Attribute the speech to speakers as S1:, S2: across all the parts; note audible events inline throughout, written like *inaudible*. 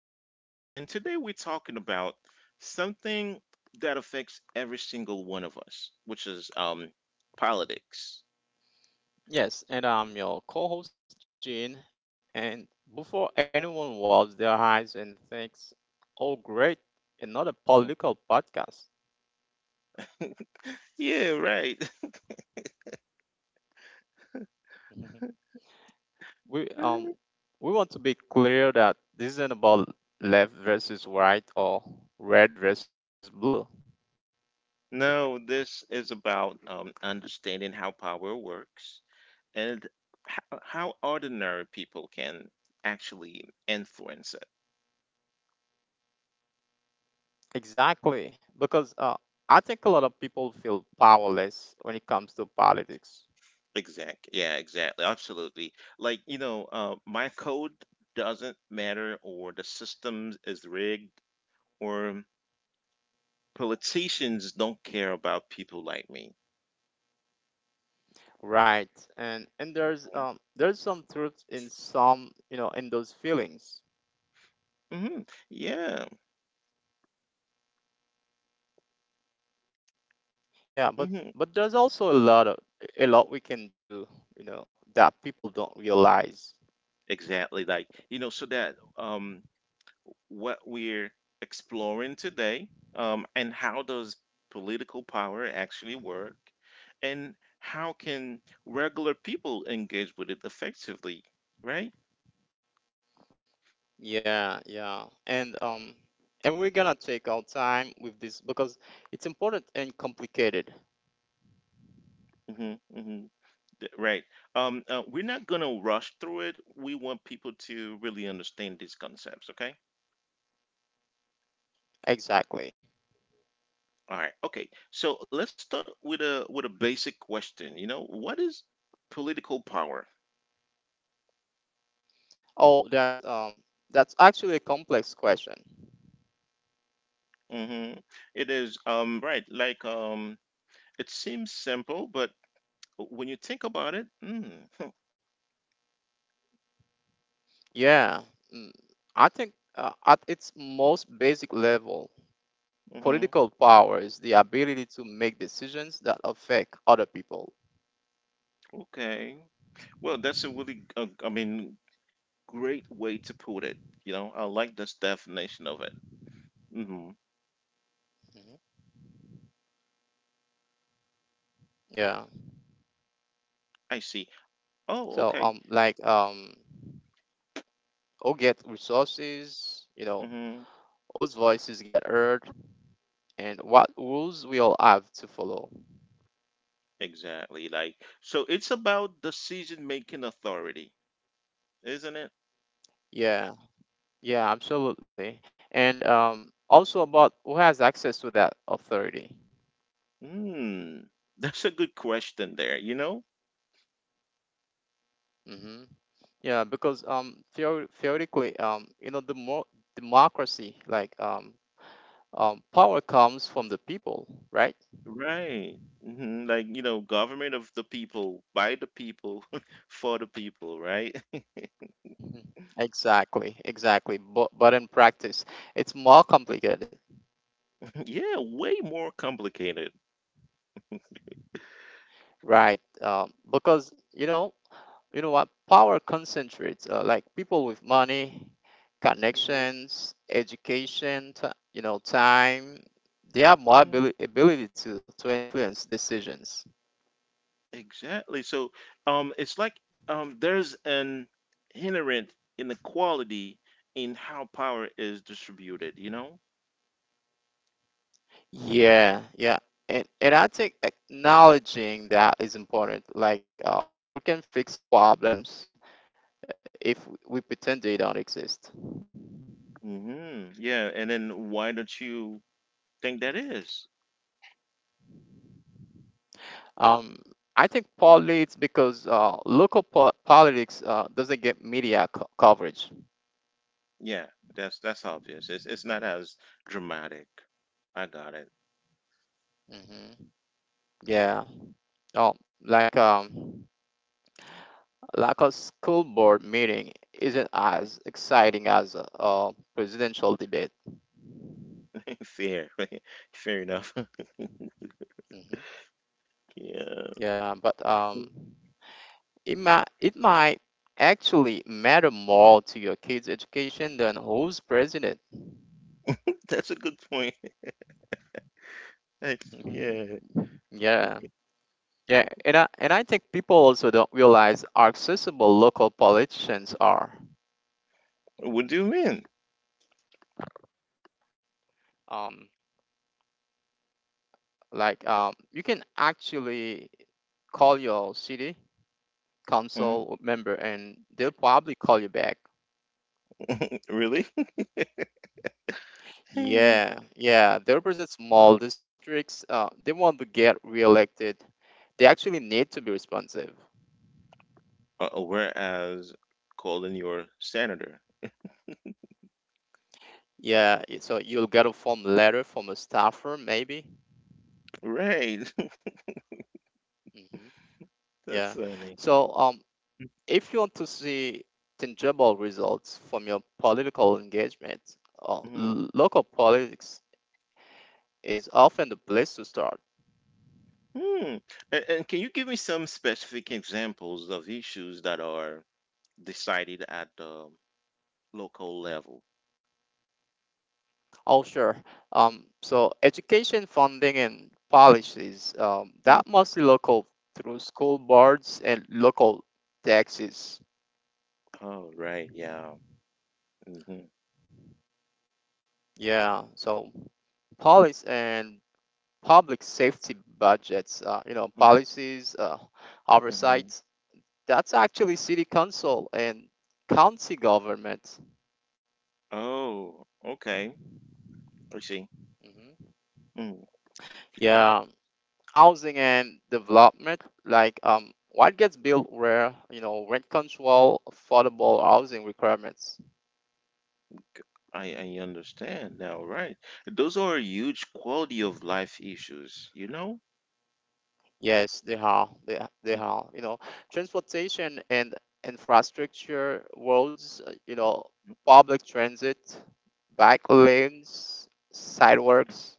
S1: host, Benji, and today we're talking about something that affects every single one of us, which is politics.
S2: Yes, and I'm your co-host Gene. And before anyone rubs their eyes and thinks, "Oh, great, another political podcast,"
S1: Yeah, right.
S2: *laughs* we
S1: *laughs*
S2: we want to be clear that this isn't about left versus right or red versus blue.
S1: No, this is about understanding how power works and how ordinary people can actually influence.
S2: Exactly, because I think a lot of people feel powerless when it comes to politics.
S1: Exactly. Yeah, exactly. Absolutely. Like, my code doesn't matter, or the system is rigged, or politicians don't care about people like me.
S2: Right, and there's some truth in some, in those feelings.
S1: Mm-hmm. Yeah.
S2: Yeah,
S1: Mm-hmm.
S2: but there's also a lot we can do, you know, that people don't realize.
S1: Exactly. Like, so that what we're exploring today, and how does political power actually work, and how can regular people engage with it effectively, right?
S2: Yeah, yeah. And and we're gonna take our time with this because it's important and complicated.
S1: Mm-hmm. Mm-hmm. Right. We're not gonna rush through it. We want people to really understand these concepts. Okay.
S2: Exactly.
S1: All right. Okay. So let's start with a basic question. What is political power?
S2: Oh, that's actually a complex question.
S1: Mm-hmm. It is right. It seems simple, but when you think about it, *laughs*
S2: Yeah. mm, I think at its most basic level,
S1: hmm
S2: political power is the ability to make decisions that affect other people.
S1: okay. Well, that's a really, great way to put it. You know, I like this definition of it. Hmm.
S2: Mhm. Yeah.
S1: I see. Oh,
S2: So
S1: okay.
S2: like who get resources, you know,
S1: Mm-hmm.
S2: whose voices get heard, and what rules we all have to follow.
S1: Exactly. Like so it's about decision making authority, isn't it?
S2: Yeah, yeah, absolutely. And also about who has access to that authority.
S1: Hmm. *laughs* That's a good question there, you know?
S2: Hmm Yeah, because theoretically, you know, the more democracy, power comes from the people, right?
S1: Right. Hmm. Like, you know, government of the people, by the people, *laughs* for the people, right? *laughs*
S2: Mhm. Exactly, exactly. But in practice, it's more complicated,
S1: Yeah, way more complicated.
S2: right? Because you know what power concentrates, like people with money,
S1: Mhm.
S2: connections, education, you know, time. They have more ability to influence decisions.
S1: Exactly. So, it's like there's an inherent inequality in how power is distributed, you know?
S2: Yeah, yeah, and I think acknowledging that is important. We can fix problems if we pretend they don't exist.
S1: Hmm. Yeah, and then why don't you think that is?
S2: um I think politics, because local politics doesn't get media coverage.
S1: Yeah, that's obvious. It's not as dramatic. I got it.
S2: Hmm Yeah. Oh, like um, like a school board meeting isn't as exciting as a presidential debate.
S1: *laughs* Fair, *laughs* fair enough. *laughs*
S2: Hmm
S1: Yeah,
S2: Yeah, but um,
S1: *laughs*
S2: it might it might actually matter more to your kids' education than who's president.
S1: that's a good point. *laughs* Like, yeah,
S2: *laughs* Yeah, yeah, and I think people also don't realize how accessible local politicians are.
S1: what do you mean?
S2: Um, you can actually call your city
S1: Hmm.
S2: council member and they'll probably call you back.
S1: Really? *laughs* Uh,
S2: Yeah, yeah. They represent small districts. They want to get reelected. They actually need to be responsive.
S1: whereas calling your senator,
S2: Yeah, so you'll get a form letter from a staffer, maybe.
S1: right?
S2: Hmm
S1: *laughs* That's
S2: Yeah.
S1: funny.
S2: So if you want to see tangible results from your political engagement,
S1: Mhm.
S2: local politics is often the place to start.
S1: Hmm. And can you give me some specific examples of issues that are decided at the local level.
S2: Oh, sure. So education funding and policies,
S1: Mhm.
S2: that mostly local, through school boards and local taxes.
S1: Oh, right. Yeah. Mm-hmm.
S2: Yeah. So police and public safety budgets, you know,
S1: Mhm.
S2: policies,
S1: Mhm.
S2: oversight, that's actually city council and county government.
S1: Oh, okay. I see.
S2: Hmm
S1: Mm,
S2: Yeah. Housing and development, what gets built where, you know, rent control, affordable housing requirements.
S1: c- I understand now, right? Those are huge quality of life issues, you know?
S2: Yes, they are. They are. They
S1: Mm-hmm.
S2: are. You know, transportation and infrastructure, roads, you know, public transit, bike lanes, sidewalks.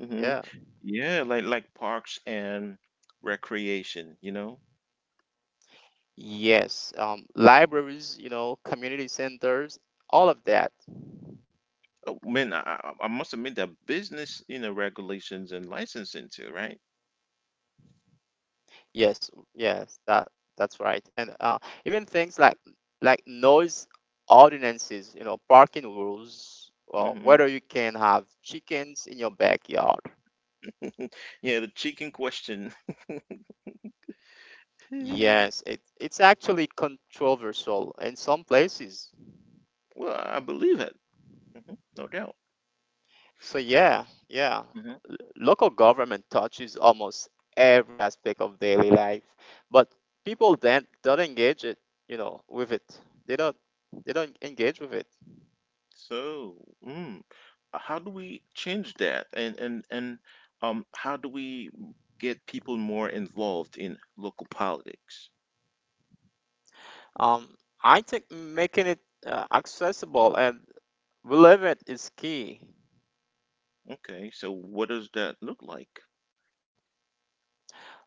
S1: Mm-hmm.
S2: Yeah.
S1: Yeah, like parks and recreation, you know?
S2: Yes. Libraries, you know, community centers, all of that.
S1: Oh, man, I must admit that business, you know, regulations and licensing too, right?
S2: Yes, yes, that that's right. And even things like noise ordinances, you know, parking rules, or
S1: Hmm.
S2: whether you can have chickens in your backyard.
S1: Yeah, the chicken question.
S2: Yes,
S1: *laughs*
S2: it it's actually controversial in some places.
S1: Well, I believe it. Hmm. No doubt.
S2: So yeah, yeah,
S1: Hmm.
S2: local government touches almost every aspect of daily life, but people then don't engage it, you know, with it. They don't they don't engage with it.
S1: So, mm, how do we change that? And how do we get people more involved in local politics?
S2: Um, I think making it accessible and relevant is key.
S1: Okay, so what does that look like?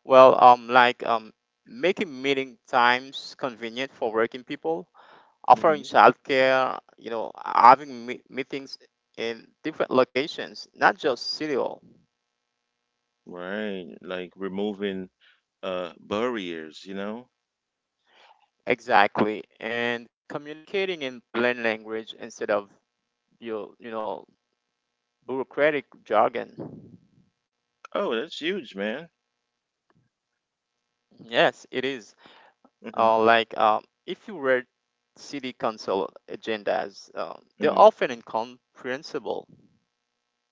S2: Well, making meeting times convenient for working people, offering
S1: Hmm.
S2: childcare, you know, having meetings in different locations, not just city hall.
S1: Right, like removing barriers, you know?
S2: Exactly, and communicating in plain language instead of you know, bureaucratic jargon.
S1: Oh, that's huge, man.
S2: Yes, it is.
S1: Hmm.
S2: If you read city council agendas, they're
S1: Hmm.
S2: often incomprehensible.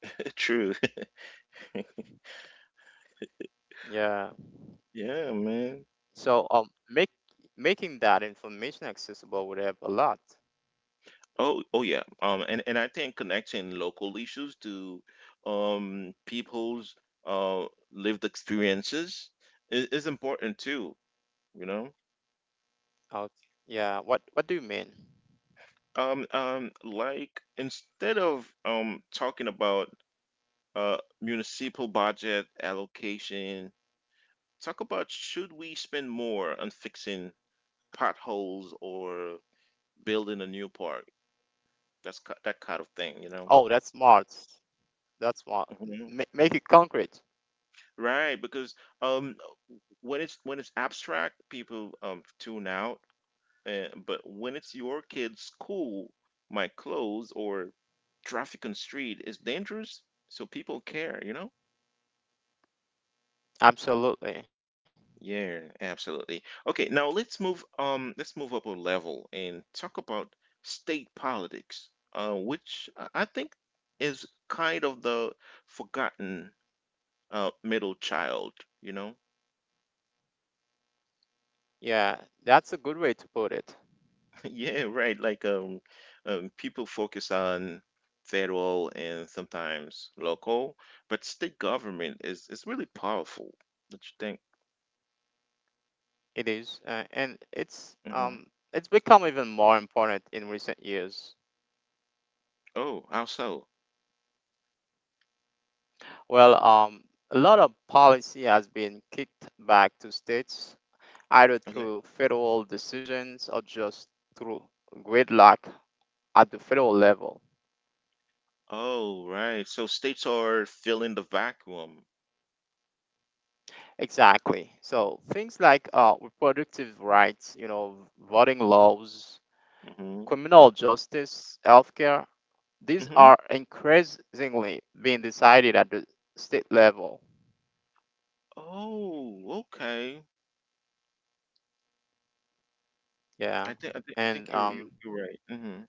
S1: *laughs* True. *laughs*
S2: Yeah.
S1: Yeah, man.
S2: So make making that information accessible would help a lot.
S1: Oh, oh yeah. And I think connecting local issues to people's uh lived experiences is important too, you know.
S2: Okay. Yeah. What do you mean?
S1: Like instead of talking about municipal budget allocation, talk about should we spend more on fixing potholes or building a new park? That kind of thing, you
S2: Oh,
S1: know.
S2: that's smart. That's smart.
S1: Mm-hmm.
S2: Make it concrete.
S1: Right, because um, when it's abstract, people tune out. But when it's your kid's school, my clothes or traffic on street is dangerous, so people care, you know?
S2: Absolutely.
S1: Yeah, absolutely. Okay, now let's move up a level and talk about state politics, which I think is kind of the forgotten middle child, you know?
S2: Yeah. That's a good way to put it.
S1: Yeah, right. People focus on federal and sometimes local, but state government is really powerful. Don't you think?
S2: It is, and
S1: Hmm.
S2: it's become even more important in recent years.
S1: Oh, how so?
S2: Well, a lot of policy has been kicked back to states, either through
S1: Okay.
S2: federal decisions or just through gridlock at the federal level.
S1: Oh, right. So states are filling the vacuum.
S2: Exactly. So things like reproductive rights, you know, voting laws,
S1: Mm-hmm.
S2: criminal justice, healthcare, these
S1: Mm-hmm.
S2: are increasingly being decided at the state level.
S1: Oh, okay.
S2: Yeah.
S1: I think I think I
S2: And
S1: think you're you're right. Mm-hmm.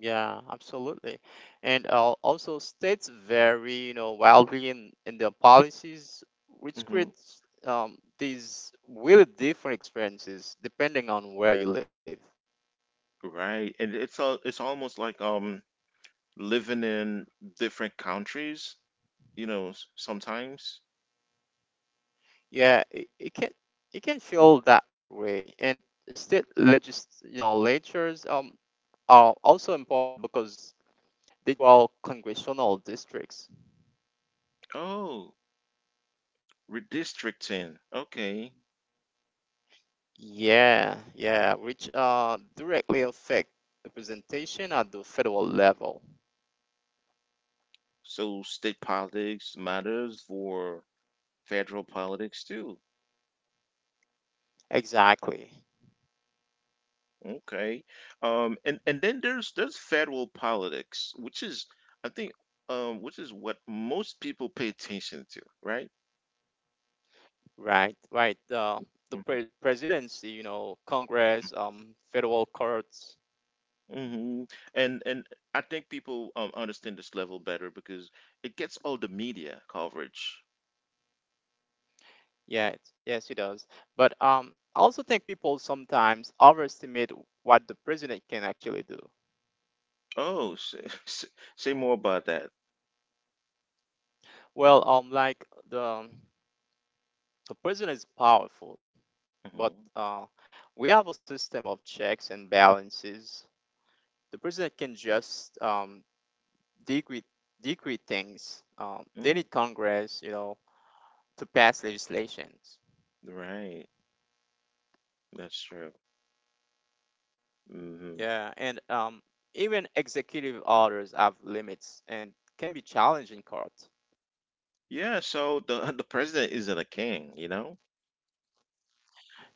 S2: Yeah, absolutely. And also states vary, you know, wildly in their policies, which
S1: Mm-hmm.
S2: creates these really different experiences depending on where you live.
S1: Right. And it's almost like living in different countries, you know, sometimes.
S2: Yeah, it, it can feel that way. And state legis you know, lectures are also important because they draw congressional districts.
S1: Oh, redistricting. Okay.
S2: Yeah, yeah, which directly affect representation at the federal level.
S1: So state politics matters for federal politics too.
S2: Exactly.
S1: Okay. And then there's federal politics, which is I think which is what most people pay attention to, right?
S2: Right, right. The presidency, you know, Congress, federal courts.
S1: Mm-hmm. And I think people understand this level better because it gets all the media coverage.
S2: Yeah, yes, he does. But I also think people sometimes overestimate what the president can actually do.
S1: Oh, say, *laughs* say more about that.
S2: Well, like the president is powerful, but
S1: Hmm.
S2: we have a system of checks and balances. The president can just decree decree things.
S1: Mm,
S2: They need Congress, you know, to pass legislations.
S1: right. That's true. Hmm.
S2: Yeah, and even executive orders have limits and can be challenged in court.
S1: Yeah, so the *laughs* the president isn't a king, you know?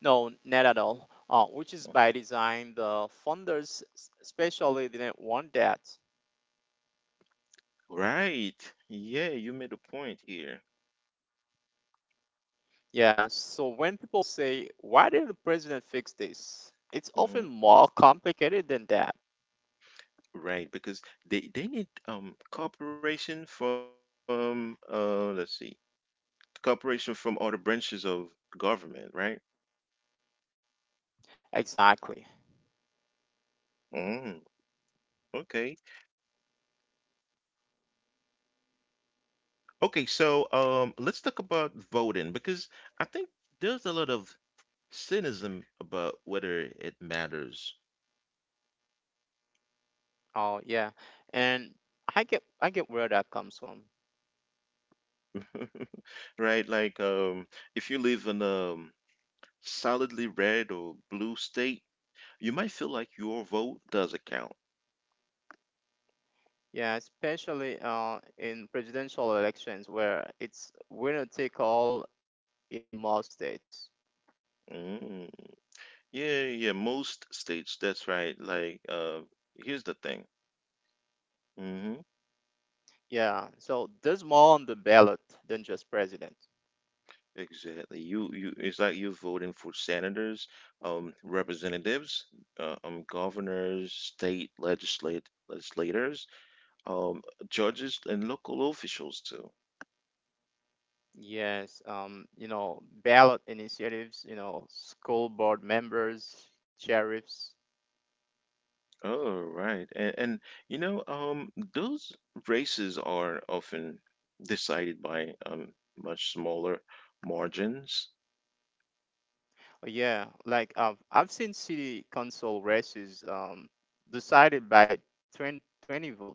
S2: No, not at all. Which is by design. The funders especially didn't want that.
S1: Right. Yeah, you made a point here.
S2: Yeah, so when people say, "Why did the president fix this?" it's often
S1: Hmm.
S2: more complicated than that.
S1: Right, because they need cooperation from cooperation from other branches of government, right?
S2: Exactly.
S1: Mm, okay. Okay, so let's talk about voting because I think there's a lot of cynicism about whether it matters.
S2: Oh yeah, and I get where that comes from.
S1: *laughs* Right? Like if you live in a solidly red or blue state, you might feel like your vote doesn't count.
S2: Yeah, especially in presidential elections where it's winner take all in most states.
S1: Mm. Yeah, yeah, most states. That's right. Like, here's the thing. Hmm.
S2: Yeah, so there's more on the ballot than just president.
S1: Exactly. You, you. It's like you're voting for senators, representatives, governors, state legislate legislators, um, judges, and local officials too.
S2: Yes, you know, ballot initiatives, you know, school board members, sheriffs.
S1: Oh, right. And, you know, those races are often decided by much smaller margins.
S2: Yeah, like I've seen city council races decided by 20 20 votes.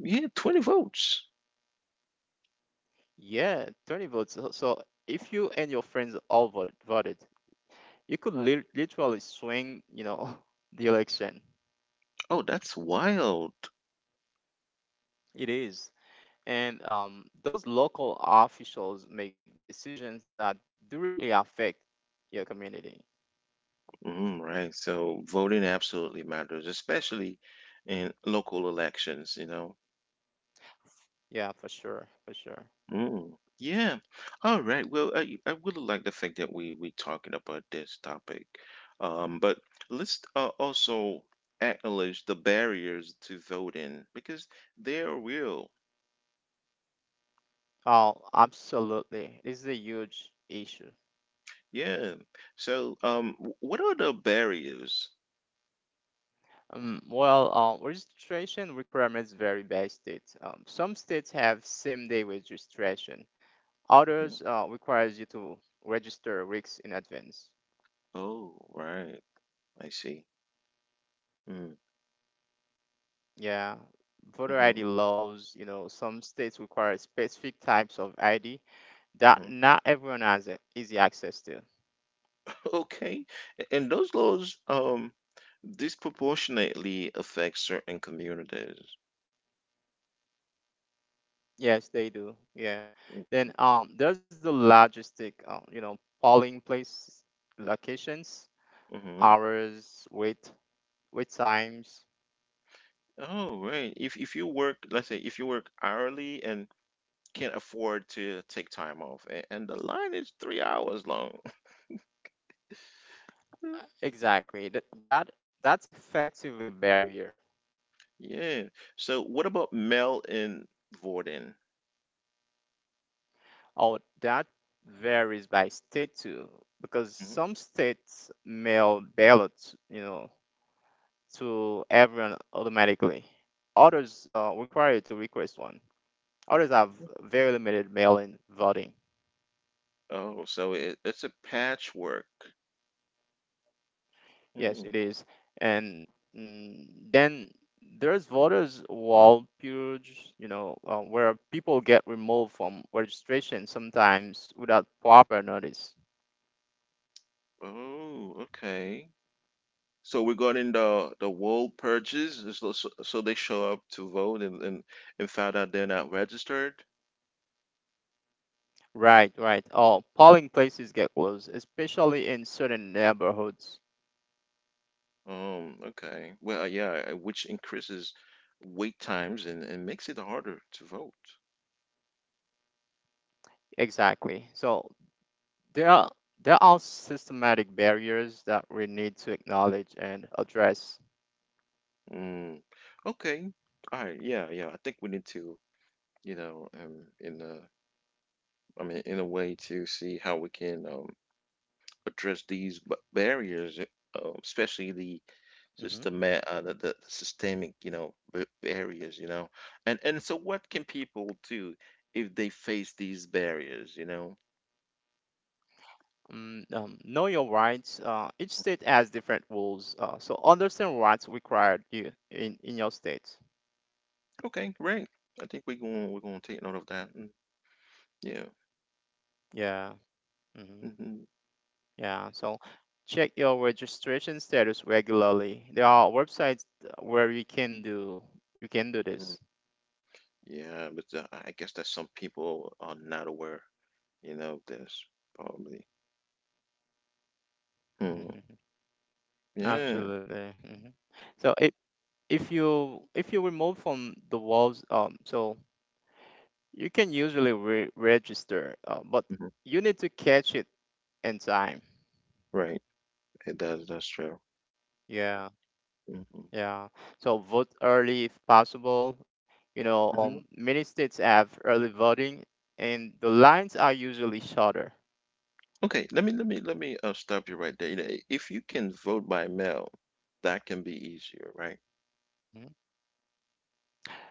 S1: Yeah, 20 votes.
S2: Yeah, 20 votes. So so if you and your friends all voted, you could literally swing, you know, *laughs* the election.
S1: Oh, that's wild.
S2: It is. And those local officials make decisions that directly affect your community.
S1: Mm, right. So voting absolutely matters, especially in local elections, you know.
S2: Yeah, for sure, for sure.
S1: Mm, yeah. All right. Well, I really like the fact that we talking about this topic. But let's also acknowledge the barriers to voting because they are real.
S2: Oh, absolutely. This is a huge issue.
S1: Yeah. So, what are the barriers?
S2: Well, registration requirements vary by state. Some states have same-day registration.
S1: Mm,
S2: Others requires you to register weeks in advance.
S1: oh, right. I see. Mm,
S2: Yeah, voter
S1: hmm
S2: ID laws, you know, some states require specific types of ID that
S1: hmm
S2: not everyone has easy access to.
S1: okay. And those laws disproportionately affect certain communities.
S2: Yes, they do. Yeah.
S1: Mm-hmm.
S2: Then there's the logistic, you know, polling place locations,
S1: Mm-hmm.
S2: hours, wait times.
S1: Oh, right. If you work, let's say if you work hourly and can't afford to take time off, and the line is 3 hours long. *laughs*
S2: Exactly. That's effectively a barrier.
S1: Yeah. So what about Mel in Vorden?
S2: Oh, that varies by state too, because
S1: Mhm.
S2: some states mail ballots, you know, to everyone automatically. Others require you to request one. Others have very limited mail-in voting.
S1: Oh, so it, it's a patchwork.
S2: Yes,
S1: Mm.
S2: it is. And mm, then there's voters wall purge, you know, where people get removed from registration sometimes without proper notice.
S1: Oh, okay. So regarding the wall purges, so they show up to vote, and found out they're not registered.
S2: Right, right. Oh, polling places get closed, especially in certain neighborhoods.
S1: Okay. Well, yeah, which increases wait times and makes it harder to vote.
S2: Exactly. So There are there are systematic barriers that we need to acknowledge and address.
S1: Mm, okay. All right. Yeah, yeah. I think we need to, you know, I mean, in a way to see how we can address these barriers, especially the
S2: Hmm
S1: systematic, the systemic, you know, barriers, you know. And so, what can people do if they face these barriers, you know?
S2: Mm, know your rights. Each state has different rules, so understand what's required you in your state.
S1: Okay, great. I think we're going We're going to take note of that. Mm, yeah.
S2: Yeah. hmm
S1: Hmm.
S2: Yeah, so check your registration status regularly. There are websites where you can do this.
S1: Hmm. Yeah, but I guess that some people are not aware, you know, of this probably. Hmm.
S2: *laughs*
S1: Yeah.
S2: Absolutely. Hmm So if you remove from the walls, so you can usually register, but
S1: Hmm.
S2: you need to catch it in time.
S1: Right. It does. That's true.
S2: Yeah,
S1: Hmm.
S2: yeah. So vote early if possible. You know,
S1: Hmm.
S2: many states have early voting, and the lines are usually shorter.
S1: Okay. Let me stop you right there. You know, if you can vote by mail, that can be easier, right?
S2: Mhm.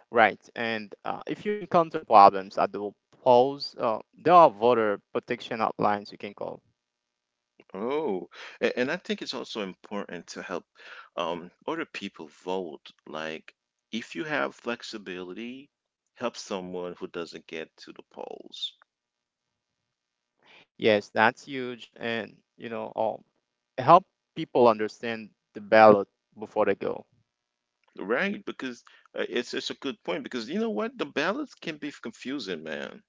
S2: Right, and if you encounter problems at the polls, there are voter protection hotlines you can call.
S1: Oh, and I think it's also important to help other people vote. Like, if you have flexibility, help someone who doesn't get to the polls,
S2: Yes, that's huge, and you know, help people understand the ballot before they go.
S1: right? Because it's a good point. Because you know what, the ballots can be confusing, man.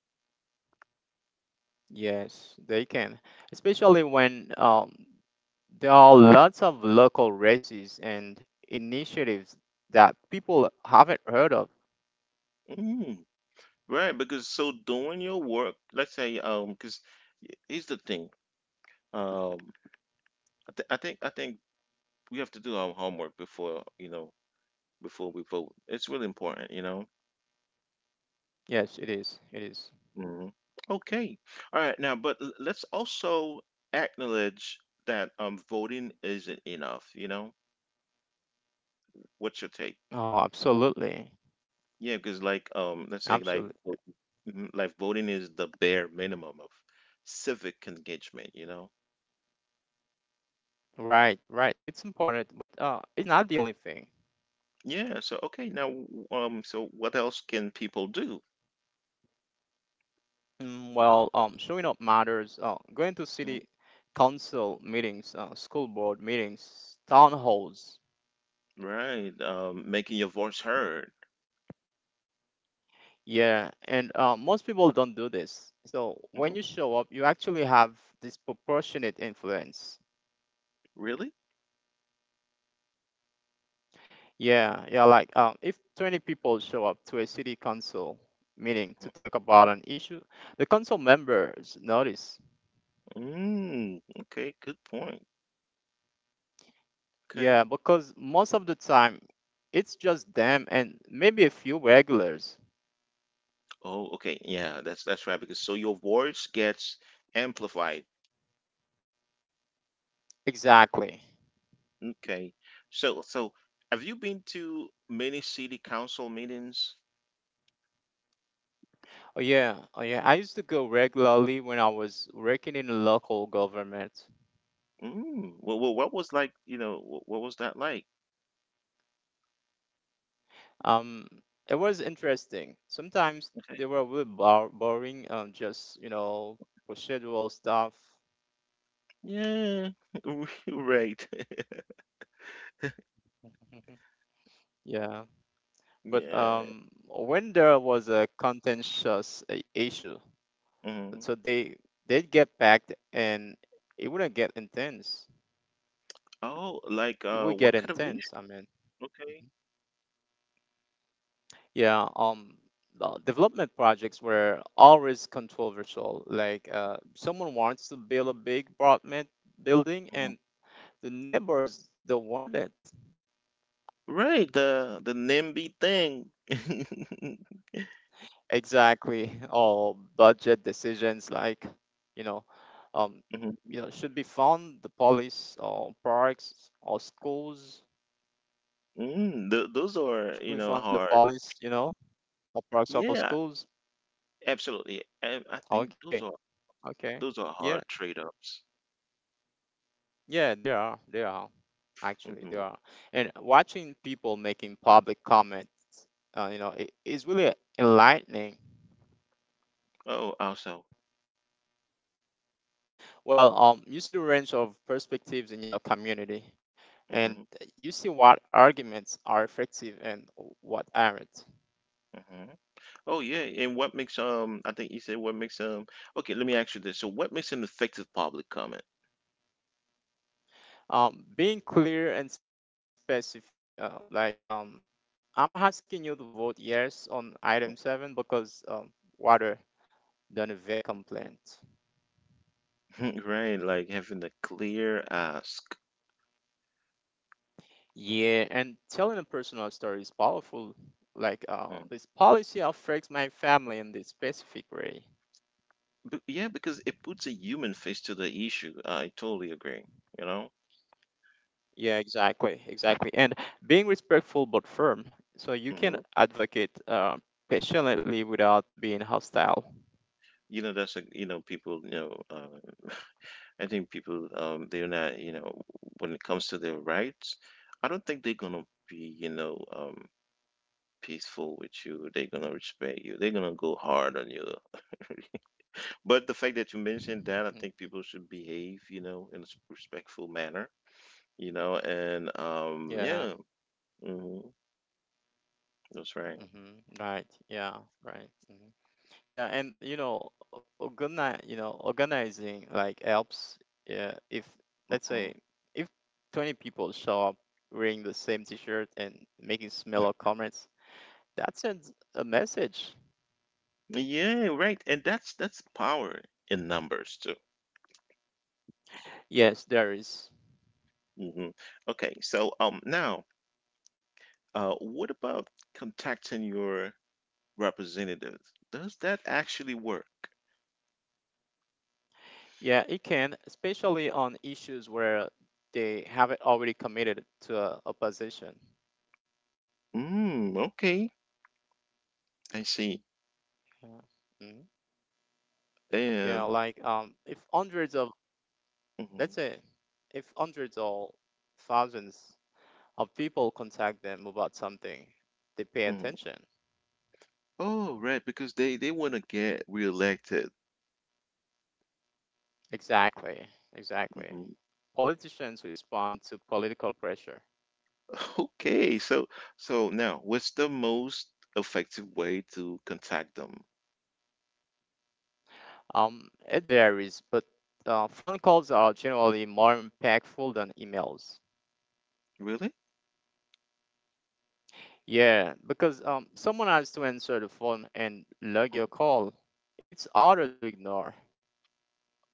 S2: Yes, they can, especially when there are lots of local races and initiatives that people haven't heard of.
S1: Mm, right, because so doing your work, let's say, because here's the thing, um, I think we have to do our homework before before we vote. It's really important, you know.
S2: Yes, it is. It is.
S1: Mhm. Okay. All right. Now, but let's also acknowledge that voting isn't enough, you know? What's your take?
S2: Oh, absolutely.
S1: Yeah, because like let's say like
S2: Absolutely.
S1: vo- mhm, like voting is the bare minimum of civic engagement, you know?
S2: Right, right. It's important, but it's not the only thing.
S1: Yeah, so okay, now so what else can people do?
S2: Mm, well, showing up matters. Going to
S1: Mhm.
S2: city council meetings, school board meetings, town halls.
S1: Right. Making your voice heard.
S2: Yeah, and most people don't do this. So when
S1: Hmm.
S2: you show up, you actually have disproportionate influence.
S1: Really?
S2: Yeah, yeah, like if 20 people show up to a city council meeting to
S1: Mm-hmm.
S2: talk about an issue, the council members notice.
S1: Mm, okay, good point.
S2: Yeah,
S1: Okay.
S2: because most of the time it's just them and maybe a few regulars.
S1: Oh, okay. Yeah, that's right. Because so your voice gets amplified.
S2: Exactly.
S1: Okay. So have you been to many city council meetings?
S2: Oh, yeah, oh, yeah. I used to go regularly when I was working in local government.
S1: Mm. Well, what was like, you know, what was that like?
S2: Um, it was interesting. Sometimes
S1: Okay.
S2: they were a little boring, just you know, procedural stuff.
S1: Yeah. *laughs* Right. *laughs*
S2: *laughs* Yeah, but
S1: Yeah.
S2: when there was a contentious issue,
S1: Hmm.
S2: so they'd get packed and it wouldn't get intense.
S1: Oh, like
S2: It would
S1: what
S2: get
S1: kind of issue?
S2: intense. I mean,
S1: Okay.
S2: yeah. Development projects were always controversial. Like, someone wants to build a big apartment building,
S1: Mhm.
S2: and the neighbors don't want it.
S1: Right, the NIMBY thing. *laughs* Mhm.
S2: Exactly. All budget decisions, like, you know um should we fund the police or parks or schools?
S1: Mm, th those are, you
S2: Should
S1: know,
S2: we fund the
S1: hard.
S2: police, or parks, or,
S1: Yeah,
S2: or schools?
S1: absolutely. And I think
S2: Okay.
S1: those
S2: Okay.
S1: are hard
S2: Yeah.
S1: trade-offs.
S2: Yeah, they are.
S1: Hmm.
S2: Actually, they are. And watching people making public comments, it is really enlightening.
S1: Oh, also.
S2: You see the range of perspectives in your community and
S1: Hmm.
S2: you see what arguments are effective and what aren't.
S1: Hmm. Oh, yeah. And what makes um? I think you said what makes. Okay, let me ask you this. So, what makes an effective public comment?
S2: Being clear and specific, I'm asking you to vote yes on item 7 because, water done a vague complaint.
S1: *laughs* Right, like having a clear ask.
S2: Yeah, and telling a personal story is powerful. Like,
S1: Mm.
S2: this policy affects my family in this specific way.
S1: But yeah, because it puts a human face to the issue. I totally agree. You know.
S2: Yeah, exactly. And being respectful but firm, so you can
S1: Hmm.
S2: advocate passionately without being hostile.
S1: You know that's a you know people you know I think people, they're not, you know, when it comes to their rights, I don't think they're gonna be, you know, peaceful with you. They're gonna respect you. They're gonna go hard on you. But the fact that you
S2: *laughs*
S1: mentioned
S2: Mhm,
S1: that, I
S2: mhm.
S1: think people should behave, you know, in a respectful manner, you know, and yeah,
S2: Yeah.
S1: hmm that's right.
S2: hmm Right. Yeah. Right. hmm Yeah. And you know, organize. You know, organizing, like, helps. Yeah. If, let's say,
S1: Mhm.
S2: if 20 people show up wearing the same T-shirt and making similar comments, that sends a message.
S1: Yeah, right. And that's power in numbers too.
S2: Yes, there is.
S1: Hmm. Okay, so now, what about contacting your representatives. Does that actually work?
S2: Yeah, it can, especially on issues where they haven't already committed to a position.
S1: Mm, okay, I see.
S2: Yeah. Mhm. Yeah,
S1: And
S2: like, if hundreds of, let's
S1: Mhm,
S2: say, if hundreds or thousands of people contact them about something, they pay
S1: mhm.
S2: attention.
S1: Oh, right, because they want to get reelected.
S2: Exactly, exactly.
S1: Mhm.
S2: Politicians respond to political pressure.
S1: *laughs* Okay, so now what's the most effective way to contact them?
S2: It varies, but phone calls are generally more impactful than emails.
S1: Really?
S2: Yeah, because, someone has to answer the phone and log your call. It's harder to ignore.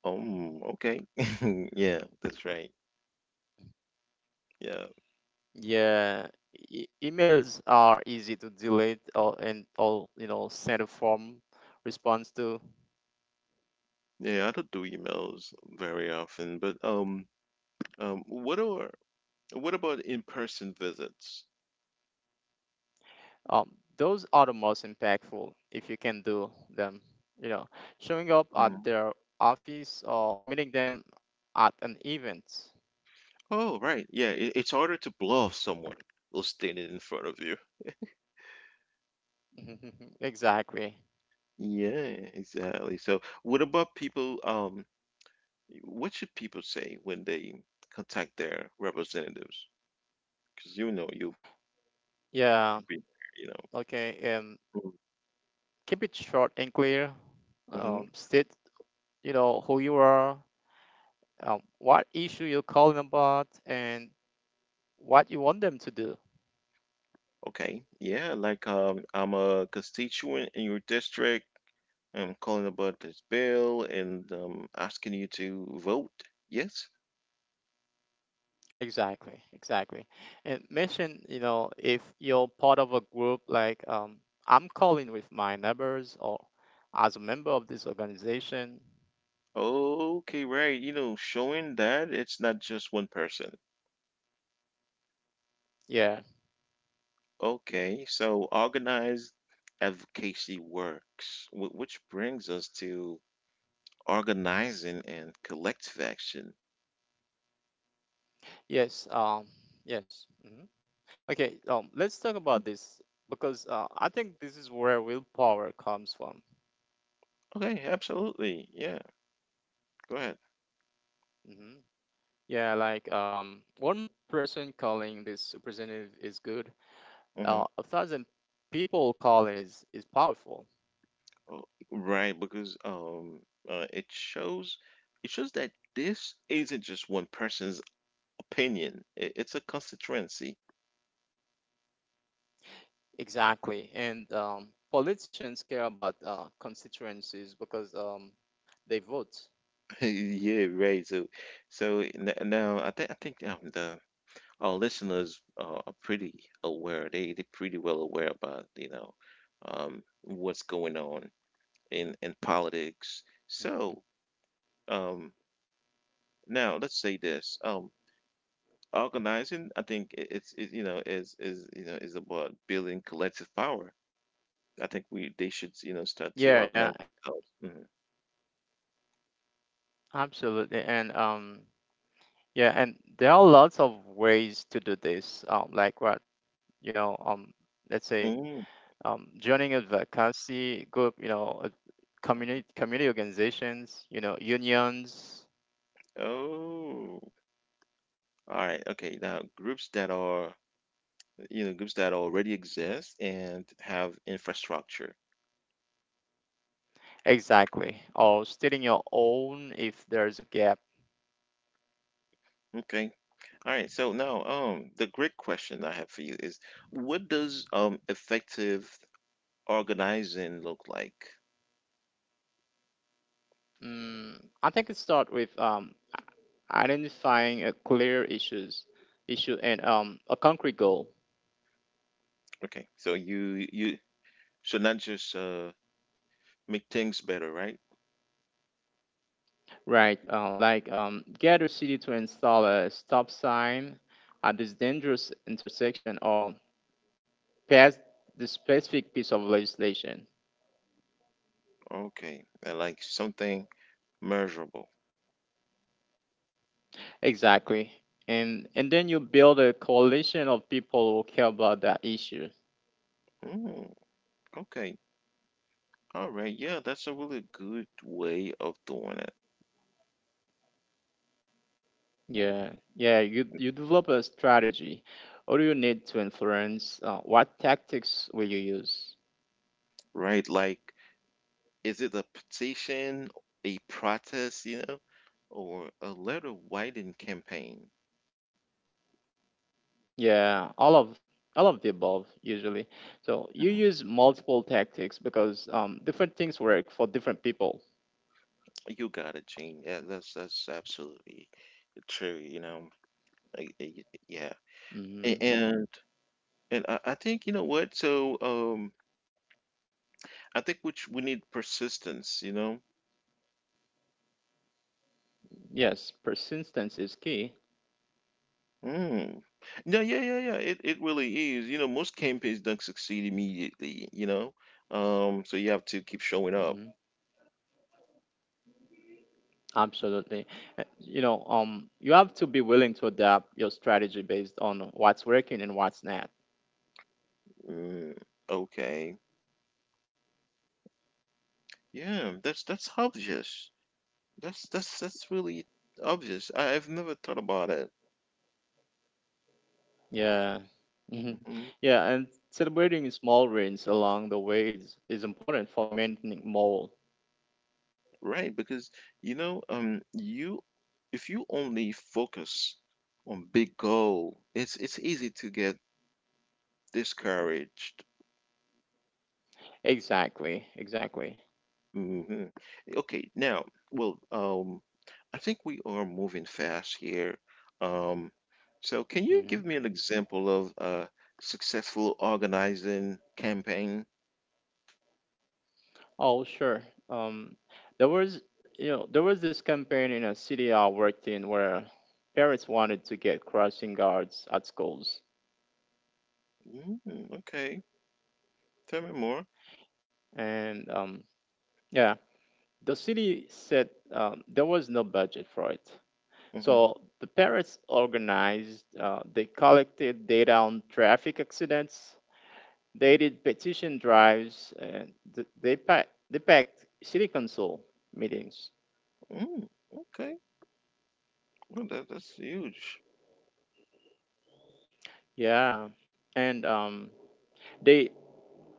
S1: Okay. *laughs* Yeah, that's right. Yeah.
S2: Yeah, emails are easy to delete or and all you know send a form response to.
S1: Yeah, I don't do emails very often, but um what are what about in-person visits?
S2: Um, those are the most impactful if you can do them. You know, showing up at their office or meeting them at an event.
S1: Oh, right. Yeah, it's harder to bluff someone who's standing in front of you.
S2: *laughs* Exactly.
S1: Yeah, exactly. So, what about people? What should people say when they contact their representatives? Because you know you
S2: Yeah.
S1: you've been there,
S2: Okay.
S1: you know.
S2: Keep it short and clear.
S1: Mm-hmm.
S2: State, you know, who you are, what issue you're calling about, and what you want them to do.
S1: Okay. Yeah, like I'm a constituent in your district. I'm calling about this bill and asking you to vote. Yes.
S2: Exactly. And mention, you know, if you're part of a group like, I'm calling with my neighbors or as a member of this organization.
S1: Okay, right. You know, showing that it's not just one person.
S2: Yeah.
S1: Okay, so organized advocacy works, which brings us to organizing and collective action.
S2: Yes. Yes. hmm Okay. Let's talk about this because I think this is where willpower comes from.
S1: Okay, absolutely. Yeah, go ahead.
S2: Hmm Yeah, like, one person calling this representative is good,
S1: Hmm.
S2: a thousand people calling is powerful.
S1: Oh, right, because uh, it shows it shows that this isn't just one person's opinion. It's a constituency.
S2: Exactly. And, politicians care about constituencies because, they vote.
S1: *laughs* Yeah, right. So now I think the our listeners are pretty aware. They're pretty well aware about what's going on in politics. So
S2: Hmm
S1: um, now let's say this. Organizing, I think I- it's it, you know is you know is about building collective power. I think we they should start
S2: Yeah,
S1: to
S2: yeah,
S1: organize themselves. Mhm.
S2: absolutely. And, yeah, and there are lots of ways to do this. Like what, you know, let's say,
S1: Mhm.
S2: joining a advocacy group, you know, community organizations, you know, unions.
S1: Oh, all right. Okay. Now, groups that are, you know, groups that already exist and have infrastructure.
S2: Exactly. Or stating your own if there's a gap.
S1: Okay. All right, so now, the great question I have for you is, what does effective organizing look like?
S2: Mm, I think it start with, identifying a issue and, a concrete goal,
S1: Okay, so you should not just make things better, right?
S2: right? Get a city to install a stop sign at this dangerous intersection or pass the specific piece of legislation.
S1: Okay, like something measurable.
S2: Exactly. And then you build a coalition of people who care about that issue.
S1: Mm, okay, all right, yeah, that's a really good way of doing it,
S2: Yeah, yeah. You develop a strategy. What do you need to influence? What tactics will you use?
S1: right? Like, is it a petition, a protest, you know, or a letter writing campaign?
S2: Yeah, all of the above usually. So you
S1: Mm.
S2: use multiple tactics because, different things work for different people.
S1: You got it, Gene. Yeah, that's absolutely true. You know, I, I- yeah,
S2: Hmm
S1: A- and I think you know what. So I think which we need persistence. You know.
S2: Yes, persistence is key.
S1: Mm. No, yeah, yeah, yeah. It really is. You know, most campaigns don't succeed immediately. You know, so you have to keep showing
S2: Hmm
S1: up.
S2: Absolutely. You know, you have to be willing to adapt your strategy based on what's working and what's not.
S1: Mm, okay, yeah, that's obvious. That's really obvious. I've never thought about it.
S2: Yeah. Mhm.
S1: Mm-hmm.
S2: Yeah, and celebrating small wins along the way is important for maintaining morale.
S1: Right, because you know, you if you only focus on big goal, it's easy to get discouraged.
S2: Exactly.
S1: Hmm. Okay, now, well, I think we are moving fast here. Um, so can you
S2: Mm-hmm.
S1: give me an example of a successful organizing campaign?
S2: Oh, sure. Um, there was, you know, there was this campaign in a city I worked in where parents wanted to get crossing guards at schools,
S1: Mm, okay, tell me more.
S2: and, yeah, the city said, there was no budget for it.
S1: Hmm.
S2: So the parents organized, they collected data on traffic accidents, they did petition drives, and they packed city council meetings.
S1: Mm, okay, well, that's huge.
S2: Yeah, and, they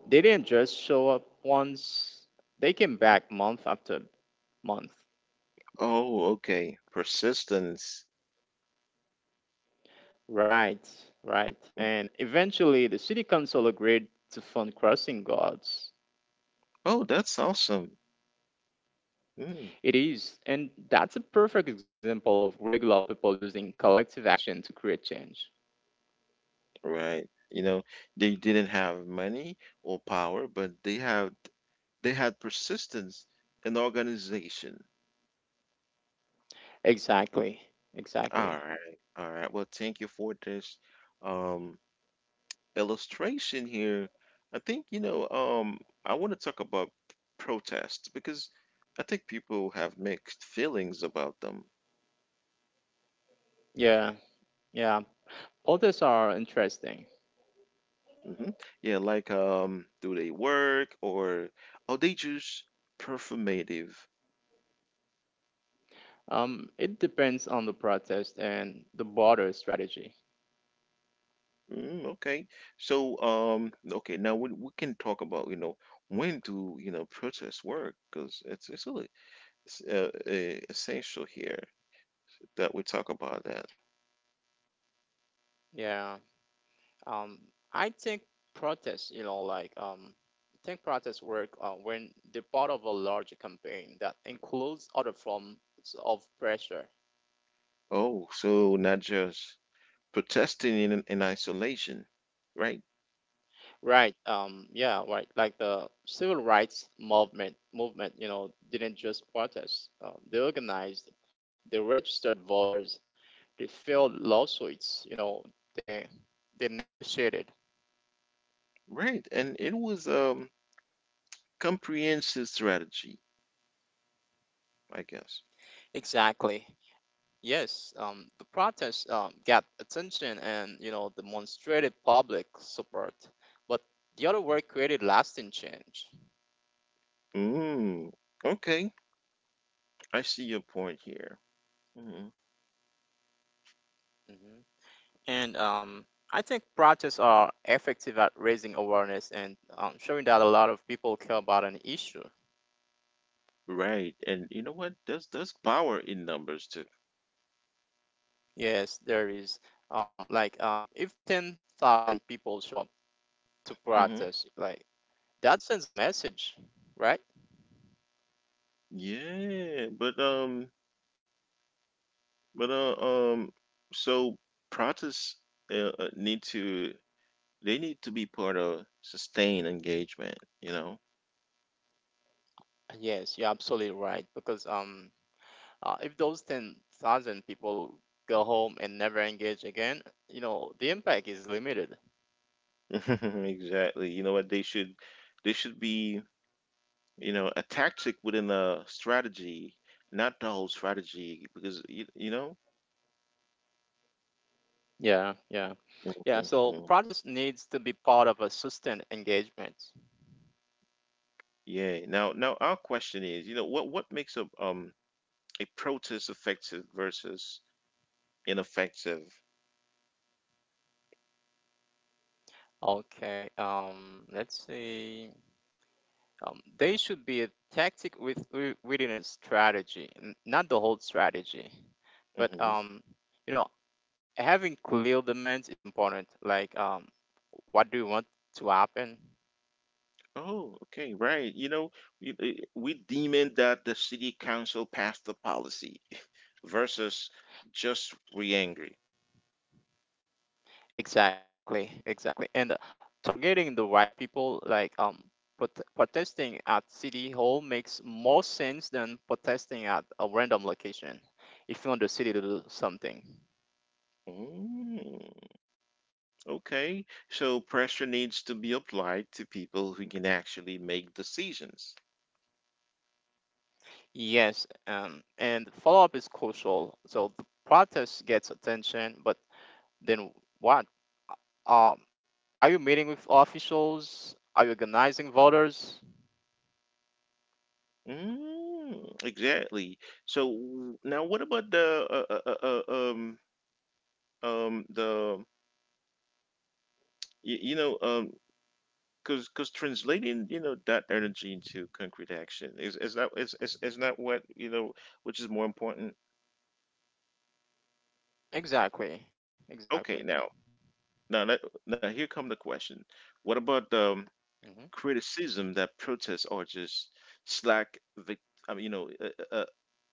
S2: they didn't just show up once, they came back month after month.
S1: Oh, okay. Persistence.
S2: Right, right. And eventually, the city council agreed to fund crossing guards.
S1: Oh, that's awesome. Mm,
S2: It is, and that's a perfect example of regular people using collective action to create change.
S1: right. You know, they didn't have money or power, but they had persistence and organization.
S2: Exactly,
S1: All
S2: exactly.
S1: right. All right. Well, thank you for this um illustration here. I think, you know, I want to talk about protests because I think people have mixed feelings about them.
S2: Yeah, yeah. Protests are interesting.
S1: Hmm. Yeah, like do they work or are they just performative?
S2: It depends on the protest and the broader strategy.
S1: Mm, okay. So, okay, now we can talk about, you know, when do, protests work? Because it's really essential here that we talk about that.
S2: Yeah. Um, I think protests, you know, like, I think protests work when they're part of a larger campaign that includes other forms of pressure.
S1: Oh, so not just protesting in isolation, right?
S2: Right. Yeah. Right. Like the civil rights you know, didn't just protest. They organized. They registered voters. They filed lawsuits. You know, they they negotiated.
S1: Right. And it was comprehensive strategy, I guess.
S2: Exactly. Yes, the protests, got attention and you know demonstrated public support, but the other work created lasting change.
S1: Mm, okay. I see your point here. Hmm.
S2: Hmm And, I think protests are effective at raising awareness and, showing that a lot of people care about an issue.
S1: Right. And you know what? There's power in numbers too.
S2: Yes, there is, if 10,000 people show up to
S1: Mm-hmm.
S2: protest, like that sends a message, right?
S1: Yeah, but um, so protests need to they need to be part of sustained engagement, you know?
S2: Yes, you're absolutely right because if those 10,000 people go home and never engage again, you know, the impact is limited.
S1: *laughs* Exactly. You know what? They should be, you know, a tactic within a strategy, not the whole strategy, because, you know?
S2: Yeah, yeah. Yeah,
S1: Mhm,
S2: so
S1: mhm.
S2: protest needs to be part of a sustained engagement.
S1: Yeah. Now our question is, you know, what makes a protest effective versus ineffective?
S2: Okay, let's see. They should be a tactic within a strategy, not the whole strategy.
S1: Hmm.
S2: But, you know, having clear demands is important. Like, what do you want to happen?
S1: Oh, okay, right. You know, we deeming that the city council passed the policy *laughs* versus just re-angry.
S2: Exactly. And targeting the right people like, protesting at city hall makes more sense than protesting at a random location if you want the city to do something.
S1: Mm, okay, so pressure needs to be applied to people who can actually make decisions.
S2: Yes, and follow-up is crucial so the protest gets attention but then what, um, are you meeting with officials, are you organizing voters?
S1: Mm, exactly. So now, what about the the you, you know um because translating that energy into concrete action is that is not what which is more important.
S2: Exactly.
S1: Okay, now let, now here come the question: what about the
S2: hmm
S1: criticism that protests are just slack vic I mean, you know,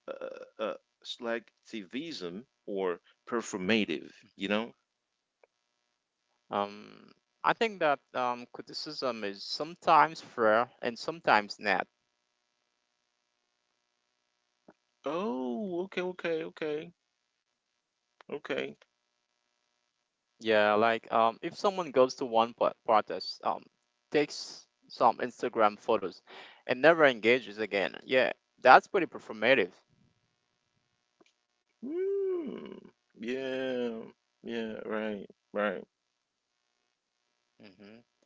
S1: uh, uh, uh, slack activism or performative, you know?
S2: Um, I think that, criticism is sometimes fair and sometimes not.
S1: Oh, okay, okay, okay, okay.
S2: Yeah, like, if someone goes to one protest, takes some Instagram photos, and never engages again, yeah, that's pretty performative.
S1: Mm, yeah, yeah, right, right.
S2: Hmm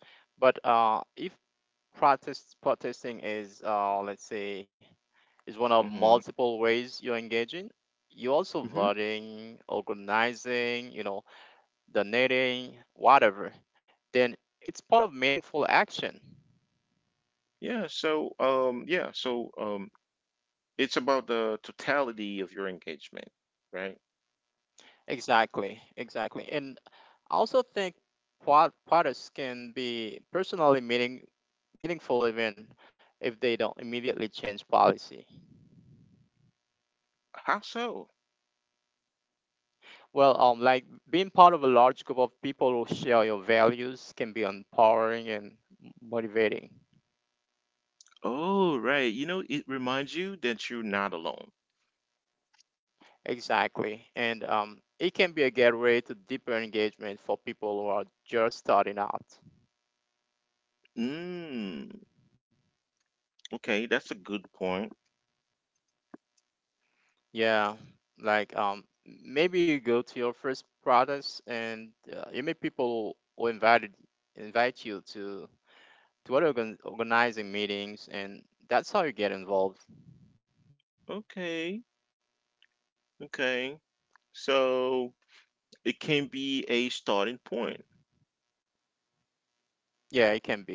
S2: But if protesting is, let's say is one of
S1: Mm-hmm.
S2: multiple ways you're engaging, you're also
S1: Mm-hmm.
S2: voting, organizing, you know, donating, whatever, then it's part of meaningful action.
S1: Yeah, so it's about the totality of your engagement, right?
S2: Exactly. And I also think products can be personally meaningful even if they don't immediately change policy.
S1: How so?
S2: Well, like being part of a large group of people who share your values can be empowering and motivating.
S1: Oh, right. You know, it reminds you that you're not alone.
S2: Exactly. And, it can be a gateway to deeper engagement for people who are just starting out.
S1: Mm, okay, that's a good point.
S2: Yeah, like, maybe you go to your first products and, you meet people who invite you to other organizing meetings, and that's how you get involved.
S1: Okay, okay. So it can be a starting point.
S2: Yeah, it can be.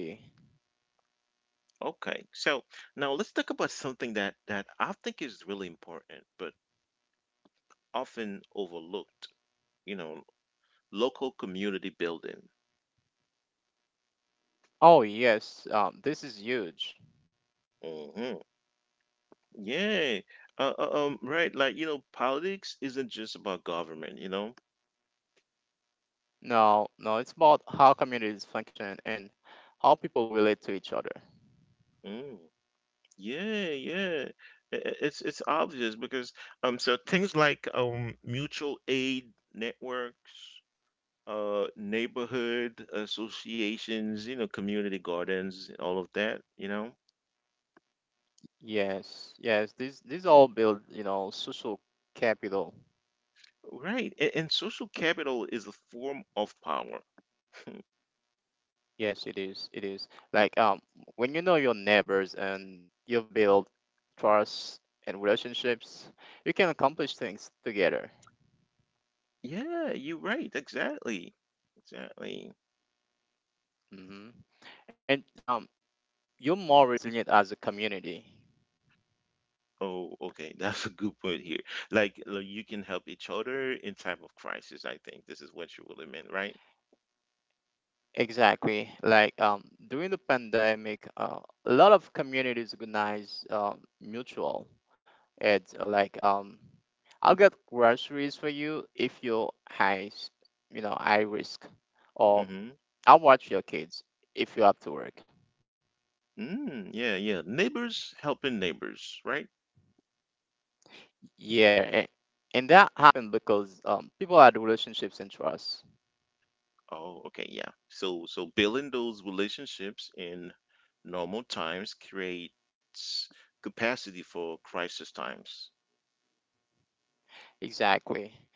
S1: Okay. So now let's talk about something that I think is really important, but often overlooked. You know, local community building.
S2: Oh yes, this is huge.
S1: Hmm. Yeah. Right. Like you know, politics isn't just about government. You know.
S2: No, no, it's about how communities function and how people relate to each other.
S1: Mm. Yeah. Yeah. It's obvious because. So things like mutual aid networks. Neighborhood associations, you know, community gardens, all of that, you know.
S2: Yes, yes, these all build you know social capital.
S1: Right. And social capital is a form of power. *laughs*
S2: Yes, it is. It is. Like, when you know your neighbors and you've built trust and relationships, you can accomplish things together.
S1: Yeah, you're right. Exactly. Exactly.
S2: Hmm And, you're more resilient as a community.
S1: Oh, okay. *laughs* That's a good point here. Like you can help each other in time of crisis. I think this is what you really meant, right?
S2: Exactly. Like, during the pandemic, a lot of communities organize, mutual and, I'll get groceries for you if you're high, you know, high risk, or
S1: Mm-hmm.
S2: I'll watch your kids if you have to work.
S1: Mm, yeah, yeah. Neighbors helping neighbors, right?
S2: Yeah, and that happened because, people had relationships and trust.
S1: Oh, okay. Yeah. So building those relationships in normal times creates capacity for crisis times.
S2: Exactly.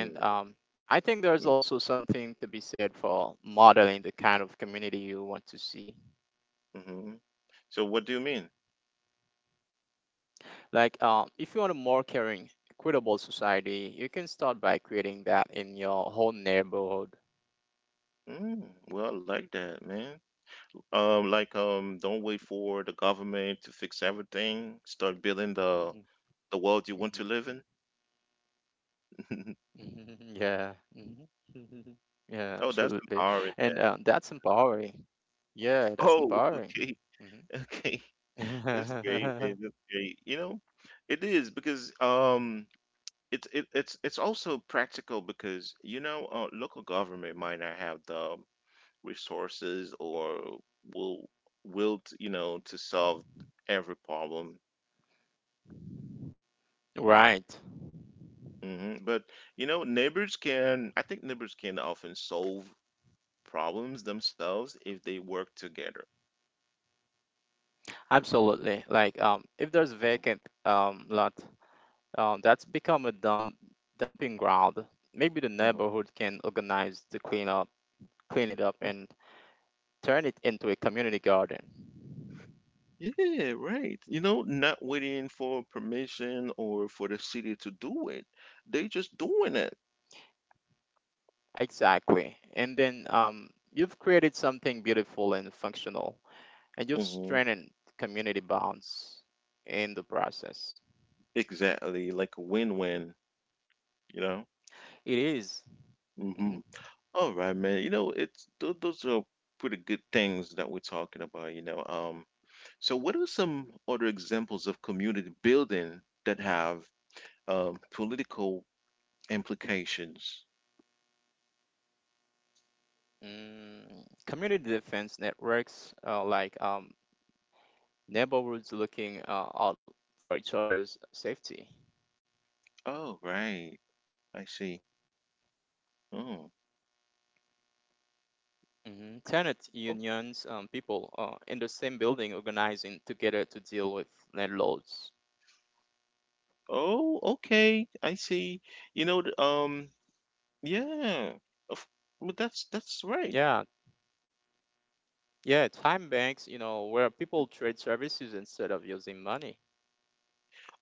S1: Mm,
S2: I think
S1: mm,
S2: there's also something to be said for modeling the kind of community you want to see.
S1: mm-hmm. So, what do you mean?
S2: Like, if you want a more caring, equitable society, you can start by creating that in your whole neighborhood.
S1: Mm, well, I like that, man. Like don't wait for the government to fix everything. Start building
S2: Hmm
S1: the world
S2: hmm
S1: you want to live in. *laughs*
S2: *laughs* Yeah. hmm *laughs* Yeah,
S1: Oh, that's
S2: absolutely.
S1: empowering,
S2: And,
S1: man.
S2: that's empowering. Yeah, that's
S1: Oh, *laughs*
S2: empowering.
S1: okay, okay. That's great,
S2: Hmm *laughs*
S1: man. That's great. You know, it is because it's it, it's also practical because you know, local government might not have the resources or will will to solve every problem.
S2: Right.
S1: Hmm. But you know, I think neighbors can often solve problems themselves if they work together.
S2: Absolutely. Like, if there's vacant, lot, that's become a dumping ground. Maybe the
S1: Mhm.
S2: neighborhood can organize to clean it up and
S1: Mm.
S2: turn it into a community garden.
S1: Yeah, right. You know, not waiting for permission or for the city to do it. They just doing it.
S2: Exactly. And then, you've created something beautiful and functional and you've
S1: Hmm.
S2: strengthened community bonds in the process.
S1: Exactly, like a win-win, you know?
S2: It.
S1: Hmm.
S2: Mm-hmm.
S1: All right, man. You know, it's th those are pretty good things that we're talking about, you know. So what are some other examples of community building that have political implications.
S2: Mm, community defense networks, neighborhoods looking out for each other's safety.
S1: Oh, right. I see. Oh,
S2: Mhm. Tenant
S1: oh,
S2: unions, people, in the same building organizing together to deal with landlords.
S1: oh, okay. I see. You know, yeah. Of, well, that's right.
S2: Yeah, yeah, time banks, you know, where people trade services instead of using money.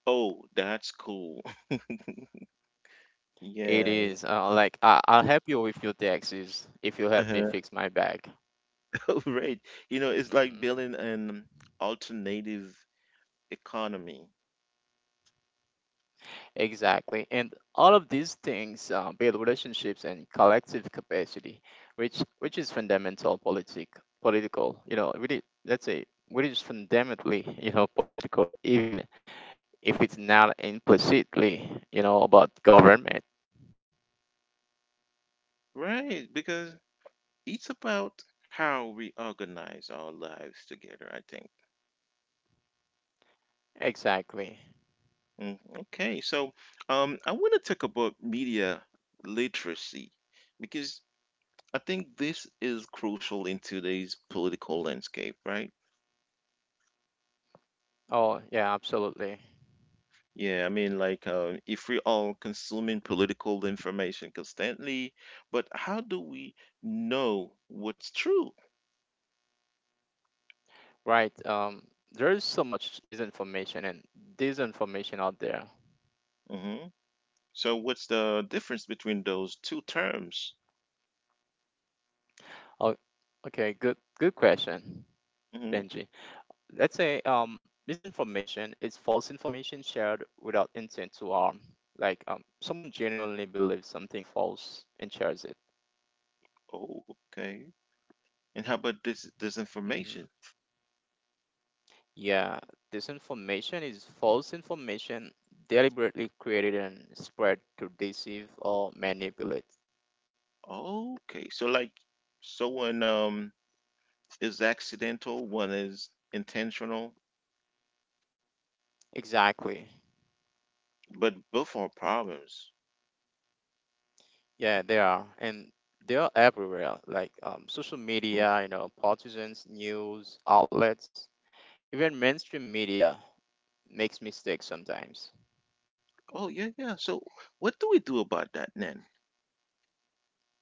S1: Oh, that's cool. *laughs*
S2: It
S1: Yeah.
S2: is, like I'll help you with your taxes if you help me
S1: Uh-huh.
S2: fix my bag.
S1: *laughs* Right. You know, it's like
S2: Mm-hmm.
S1: building an alternative economy,
S2: Exactly. And all of these things, build relationships and collective capacity, which is fundamental political, you know, really let's say which is fundamentally, you know, political, even if it's not implicitly, you know, about government.
S1: right? Because it's about how we organize our lives together, I think.
S2: Exactly.
S1: Mm, okay, so I want to talk about media literacy because I think this is crucial in today's political landscape, right?
S2: Oh yeah, absolutely.
S1: Yeah, I mean, like if we're all consuming political information constantly, but how do we know what's true?
S2: Right. There is so much misinformation and disinformation out there.
S1: Hmm. So, what's the difference between those two terms?
S2: Oh, okay, good question,
S1: Hmm.
S2: Benji. Let's say, misinformation is false information shared without intent to harm. Like, someone genuinely believes something false and shares it.
S1: Oh, okay. And how about this disinformation?
S2: Hmm Yeah, disinformation is false information deliberately created and spread to deceive or manipulate.
S1: Okay, so like someone is accidental, one is intentional,
S2: Exactly.
S1: but both are problems.
S2: Yeah, they are. And they are everywhere, like social
S1: Mm.
S2: media, you know, partisans, news outlets, even mainstream media makes mistakes sometimes.
S1: Oh yeah, yeah. So what do we do about that then?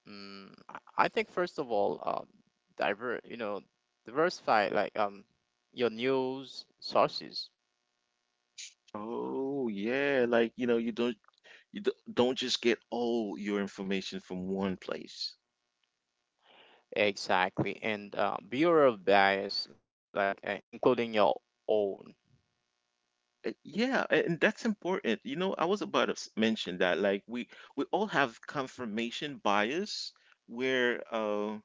S2: Mm, I I think first of all, diver, you know, diversify like your news sources.
S1: Oh yeah, like you know, you don't you d- don't just get all your information from one place.
S2: Exactly, and be aware of bias, like including your own,
S1: Yeah, and that's important. You know, I was about to mention that like we all have confirmation bias where uh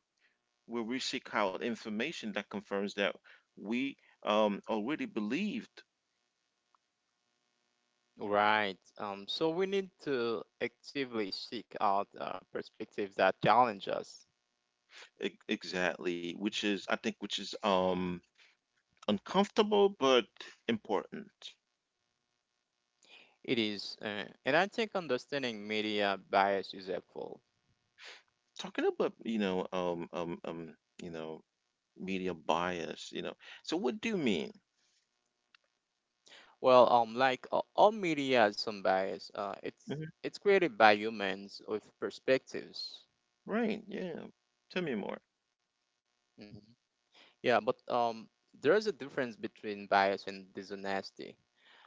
S1: where we seek out information that confirms that we already believed.
S2: right? So we need to actively seek out perspectives that challenge us.
S1: Exactly, which is I think which is uncomfortable but important.
S2: It is, and I think understanding media bias is helpful.
S1: Talking about, you know, media bias, you know. So what do you mean?
S2: All media has some bias. It's
S1: Hmm.
S2: it's created by humans with perspectives.
S1: Right, yeah. Tell me more.
S2: Mhm. Yeah, but there is a difference between bias and dishonesty.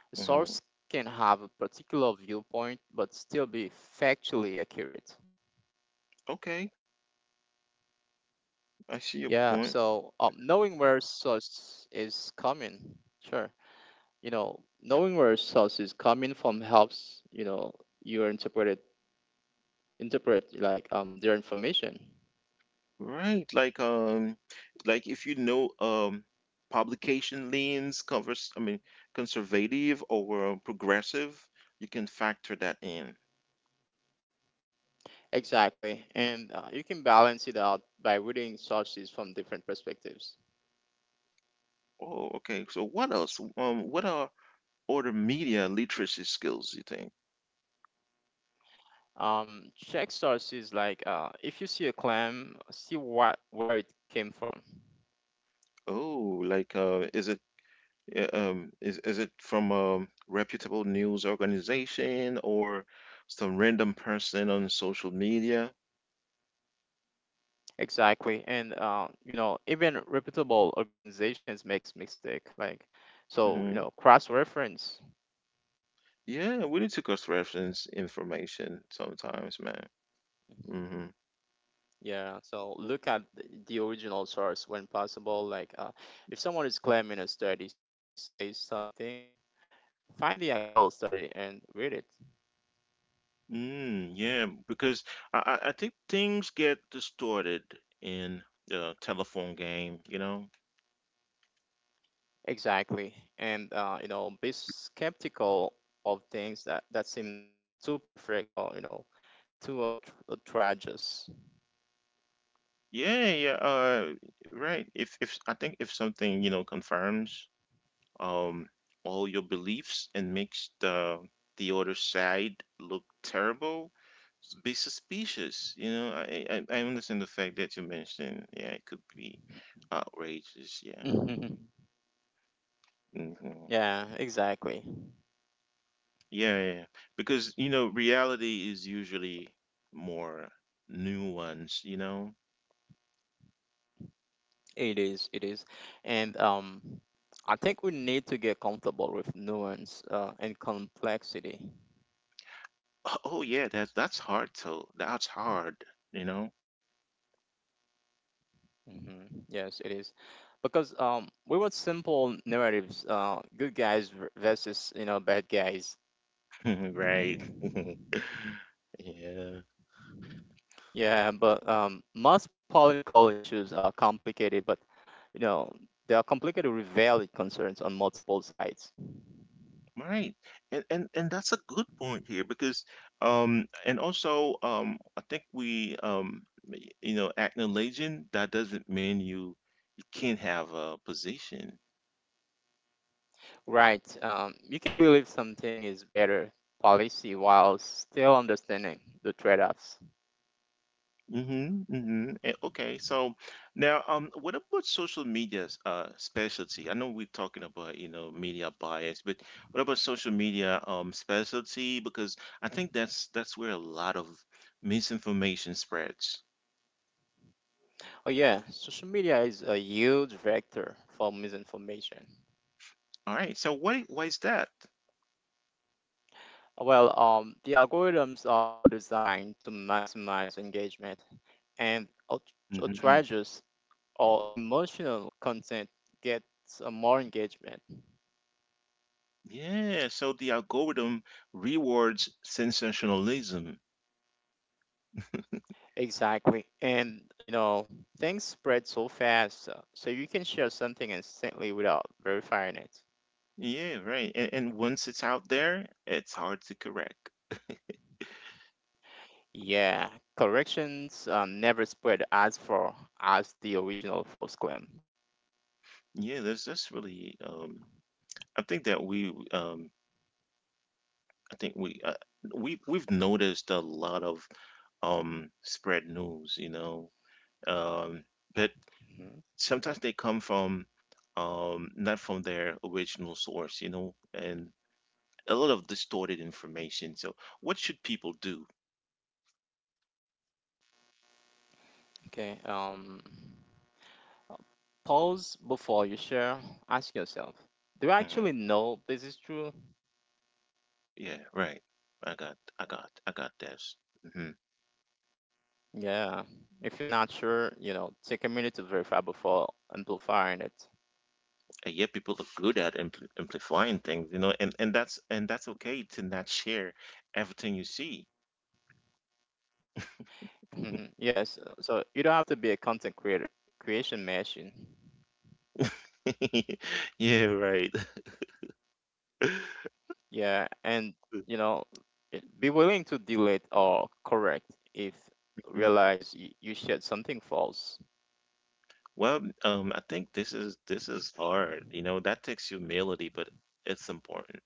S2: A source
S1: Hmm.
S2: can have a particular viewpoint but still be factually accurate.
S1: Okay, I see your
S2: Yeah,
S1: point.
S2: so knowing where source is coming, sure. You know, knowing where source is coming from helps, you know, you interpret it, interpret like their information.
S1: Right, like if you know publication leans covers I mean conservative or progressive, you can factor that in.
S2: Exactly. And you can balance it out by reading sources from different perspectives.
S1: Oh, okay. So what else? What are other media literacy skills you think?
S2: Check sources like if you see a claim, see what where it came from.
S1: Oh, like is it is it from a reputable news organization or some random person on social media?
S2: Exactly, and you know even reputable organizations makes mistake. Like, so you
S1: Hmm.
S2: know cross reference.
S1: Yeah, we need to cross reference information sometimes, man.
S2: Mhm.
S1: Hmm.
S2: Yeah, so look at the original source when possible. Like, if someone is claiming a study says something, find the actual study and read it.
S1: Mm, yeah, because I think things get distorted in the telephone game, you know?
S2: Exactly, and you know be skeptical of things that seem too perfect or you know too outrageous.
S1: Yeah, yeah, right. If I think if something, you know, confirms um, all your beliefs and makes the other side look terrible. Be suspicious. You know, I understand the fact that you mentioned. Yeah, it could be outrageous.
S2: Mhm.
S1: Yeah.
S2: Yeah,
S1: Hmm.
S2: exactly.
S1: Yeah, yeah, yeah, because you know, reality is usually more nuanced. You know.
S2: It is. It is, and I think we need to get comfortable with nuance and complexity.
S1: Oh, oh, yeah, that's hard though. That's hard. You know.
S2: Hmm. Yes, it is because we want simple narratives, good guys versus you know bad guys.
S1: *laughs* Right. *laughs* Yeah.
S2: Yeah, but most political issues are complicated, but you know they are complicated with valid concerns on multiple sides.
S1: Right. And that's a good point here because and also I think we y- you know acknowledging that doesn't mean you can't have a position.
S2: Right. You can believe something is better policy while still understanding the trade offs.
S1: Mm-hmm. Mm-hmm. Okay. So now what about social media's specialty? I know we're talking about you know media bias, but what about social media specialty? Because I think that's where a lot of misinformation spreads.
S2: Oh, yeah. Social media is a huge vector for misinformation.
S1: All right. So why is that?
S2: The algorithms are designed to maximize engagement, and outrageous or
S1: Mm-hmm.
S2: outrageous or emotional content gets more engagement.
S1: Yeah, so the algorithm rewards sensationalism. *laughs*
S2: Exactly. And, you know, things spread so fast, so you can share something instantly without verifying it.
S1: Yeah, right. And once it's out there, it's hard to correct. *laughs*
S2: Yeah, corrections never spread as far as the original false claim.
S1: Yeah, that's really I think that we um I think we've noticed a lot of spread news, you know. Um but
S2: Mhm.
S1: sometimes they come from not from their original source, you know, and a lot of distorted information. So what should people do?
S2: Okay, pause before you share. Ask yourself, do I
S1: Mm.
S2: actually know this is true?
S1: Yeah, right. I got this. Hmm.
S2: Yeah, if you're not sure, you know, take a minute to verify before amplifying it.
S1: And yet, people are good at amplifying things, you know, and that's okay to not share everything you see.
S2: Mhm. *laughs* Yes, so you don't have to be a creation machine.
S1: *laughs* Yeah, right. *laughs*
S2: Yeah, and you know, yeah, be willing to delete or correct if
S1: Mhm.
S2: realize you said something false.
S1: Well, I think this is hard, you know, that takes humility, but it's important.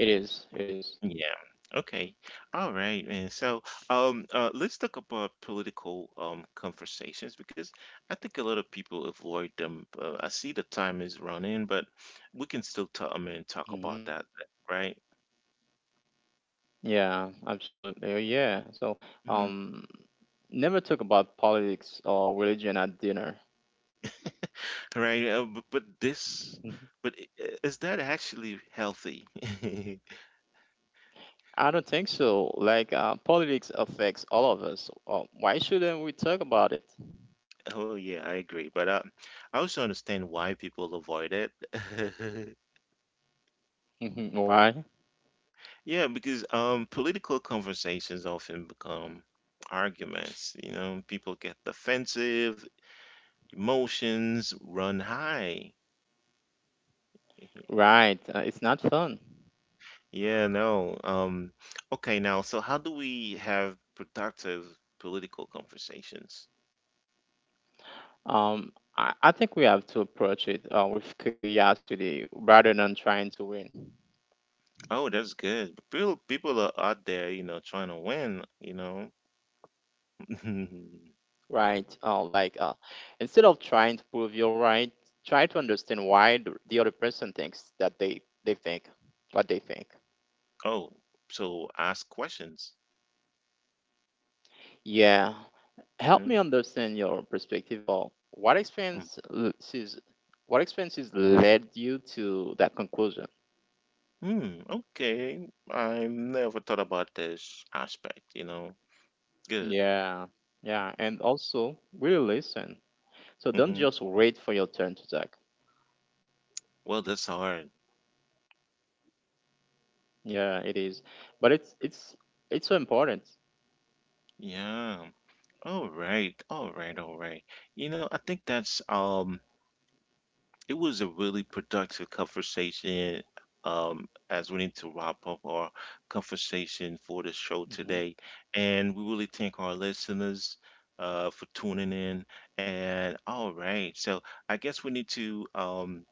S2: It is. It is.
S1: Yeah. Okay. All right, man. So, let's talk about political conversations because I think a lot of people avoid them. I see the time is running, but we can still talk. I mean, talk about
S2: Hmm.
S1: that, right?
S2: Yeah, absolutely. Oh, yeah. So,
S1: Mhm.
S2: um, never talk about politics or religion at dinner.
S1: Right. But this,
S2: Mhm.
S1: but I- Is that actually healthy? *laughs*
S2: I don't think so. Like, politics affects all of us. Why shouldn't we talk about it?
S1: Oh yeah, I agree. But I also understand why people avoid it. *laughs*
S2: Mhm, why?
S1: Yeah, because political conversations often become arguments. You know, people get defensive, emotions run high. *laughs*
S2: Right. It's not fun.
S1: Yeah, no. Okay, now, so how do we have productive political conversations?
S2: I think we have to approach it with curiosity rather than trying to win.
S1: Oh, that's good. But people are out there, you know, trying to win, you know. *laughs*
S2: Right. Instead of trying to prove you're right, try to understand why the other person thinks that they think what they think.
S1: Oh, so ask questions.
S2: Yeah. Help me
S1: Hmm.
S2: understand your perspective of what experiences led you to that conclusion.
S1: Hmm, okay. I never thought about this aspect, you know. Good.
S2: Yeah. Yeah. And also, really listen. So don't
S1: Mm-hmm.
S2: just wait for your turn to talk.
S1: Well, that's hard.
S2: Yeah, it is. But it's it's so important.
S1: Yeah. All right. All right. All right. You know, I think that's it was a really productive conversation as we need to wrap up our conversation for the show today.
S2: Hmm.
S1: And we really thank our listeners for tuning in. And all right. So I guess we need to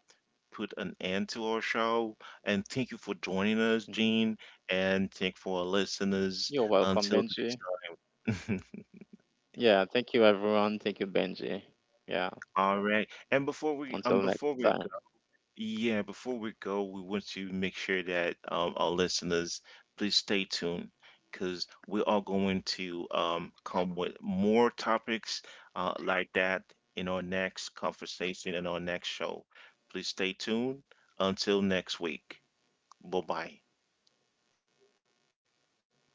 S1: put an end to our show. And thank you for joining us,
S2: Hmm.
S1: Gene. And thank for our listeners.
S2: You're
S1: Until
S2: welcome, Benji.
S1: next time.
S2: Yeah, thank you, everyone. Thank you, Benji. Yeah,
S1: *laughs* All right. And
S2: until
S1: before
S2: next
S1: we
S2: time.
S1: go, yeah, before we go, we want to make sure that our listeners please stay tuned because we are going to come with more topics like that in our next conversation in our next show. Please stay tuned. Until next week. Bye bye.
S2: Bye bye.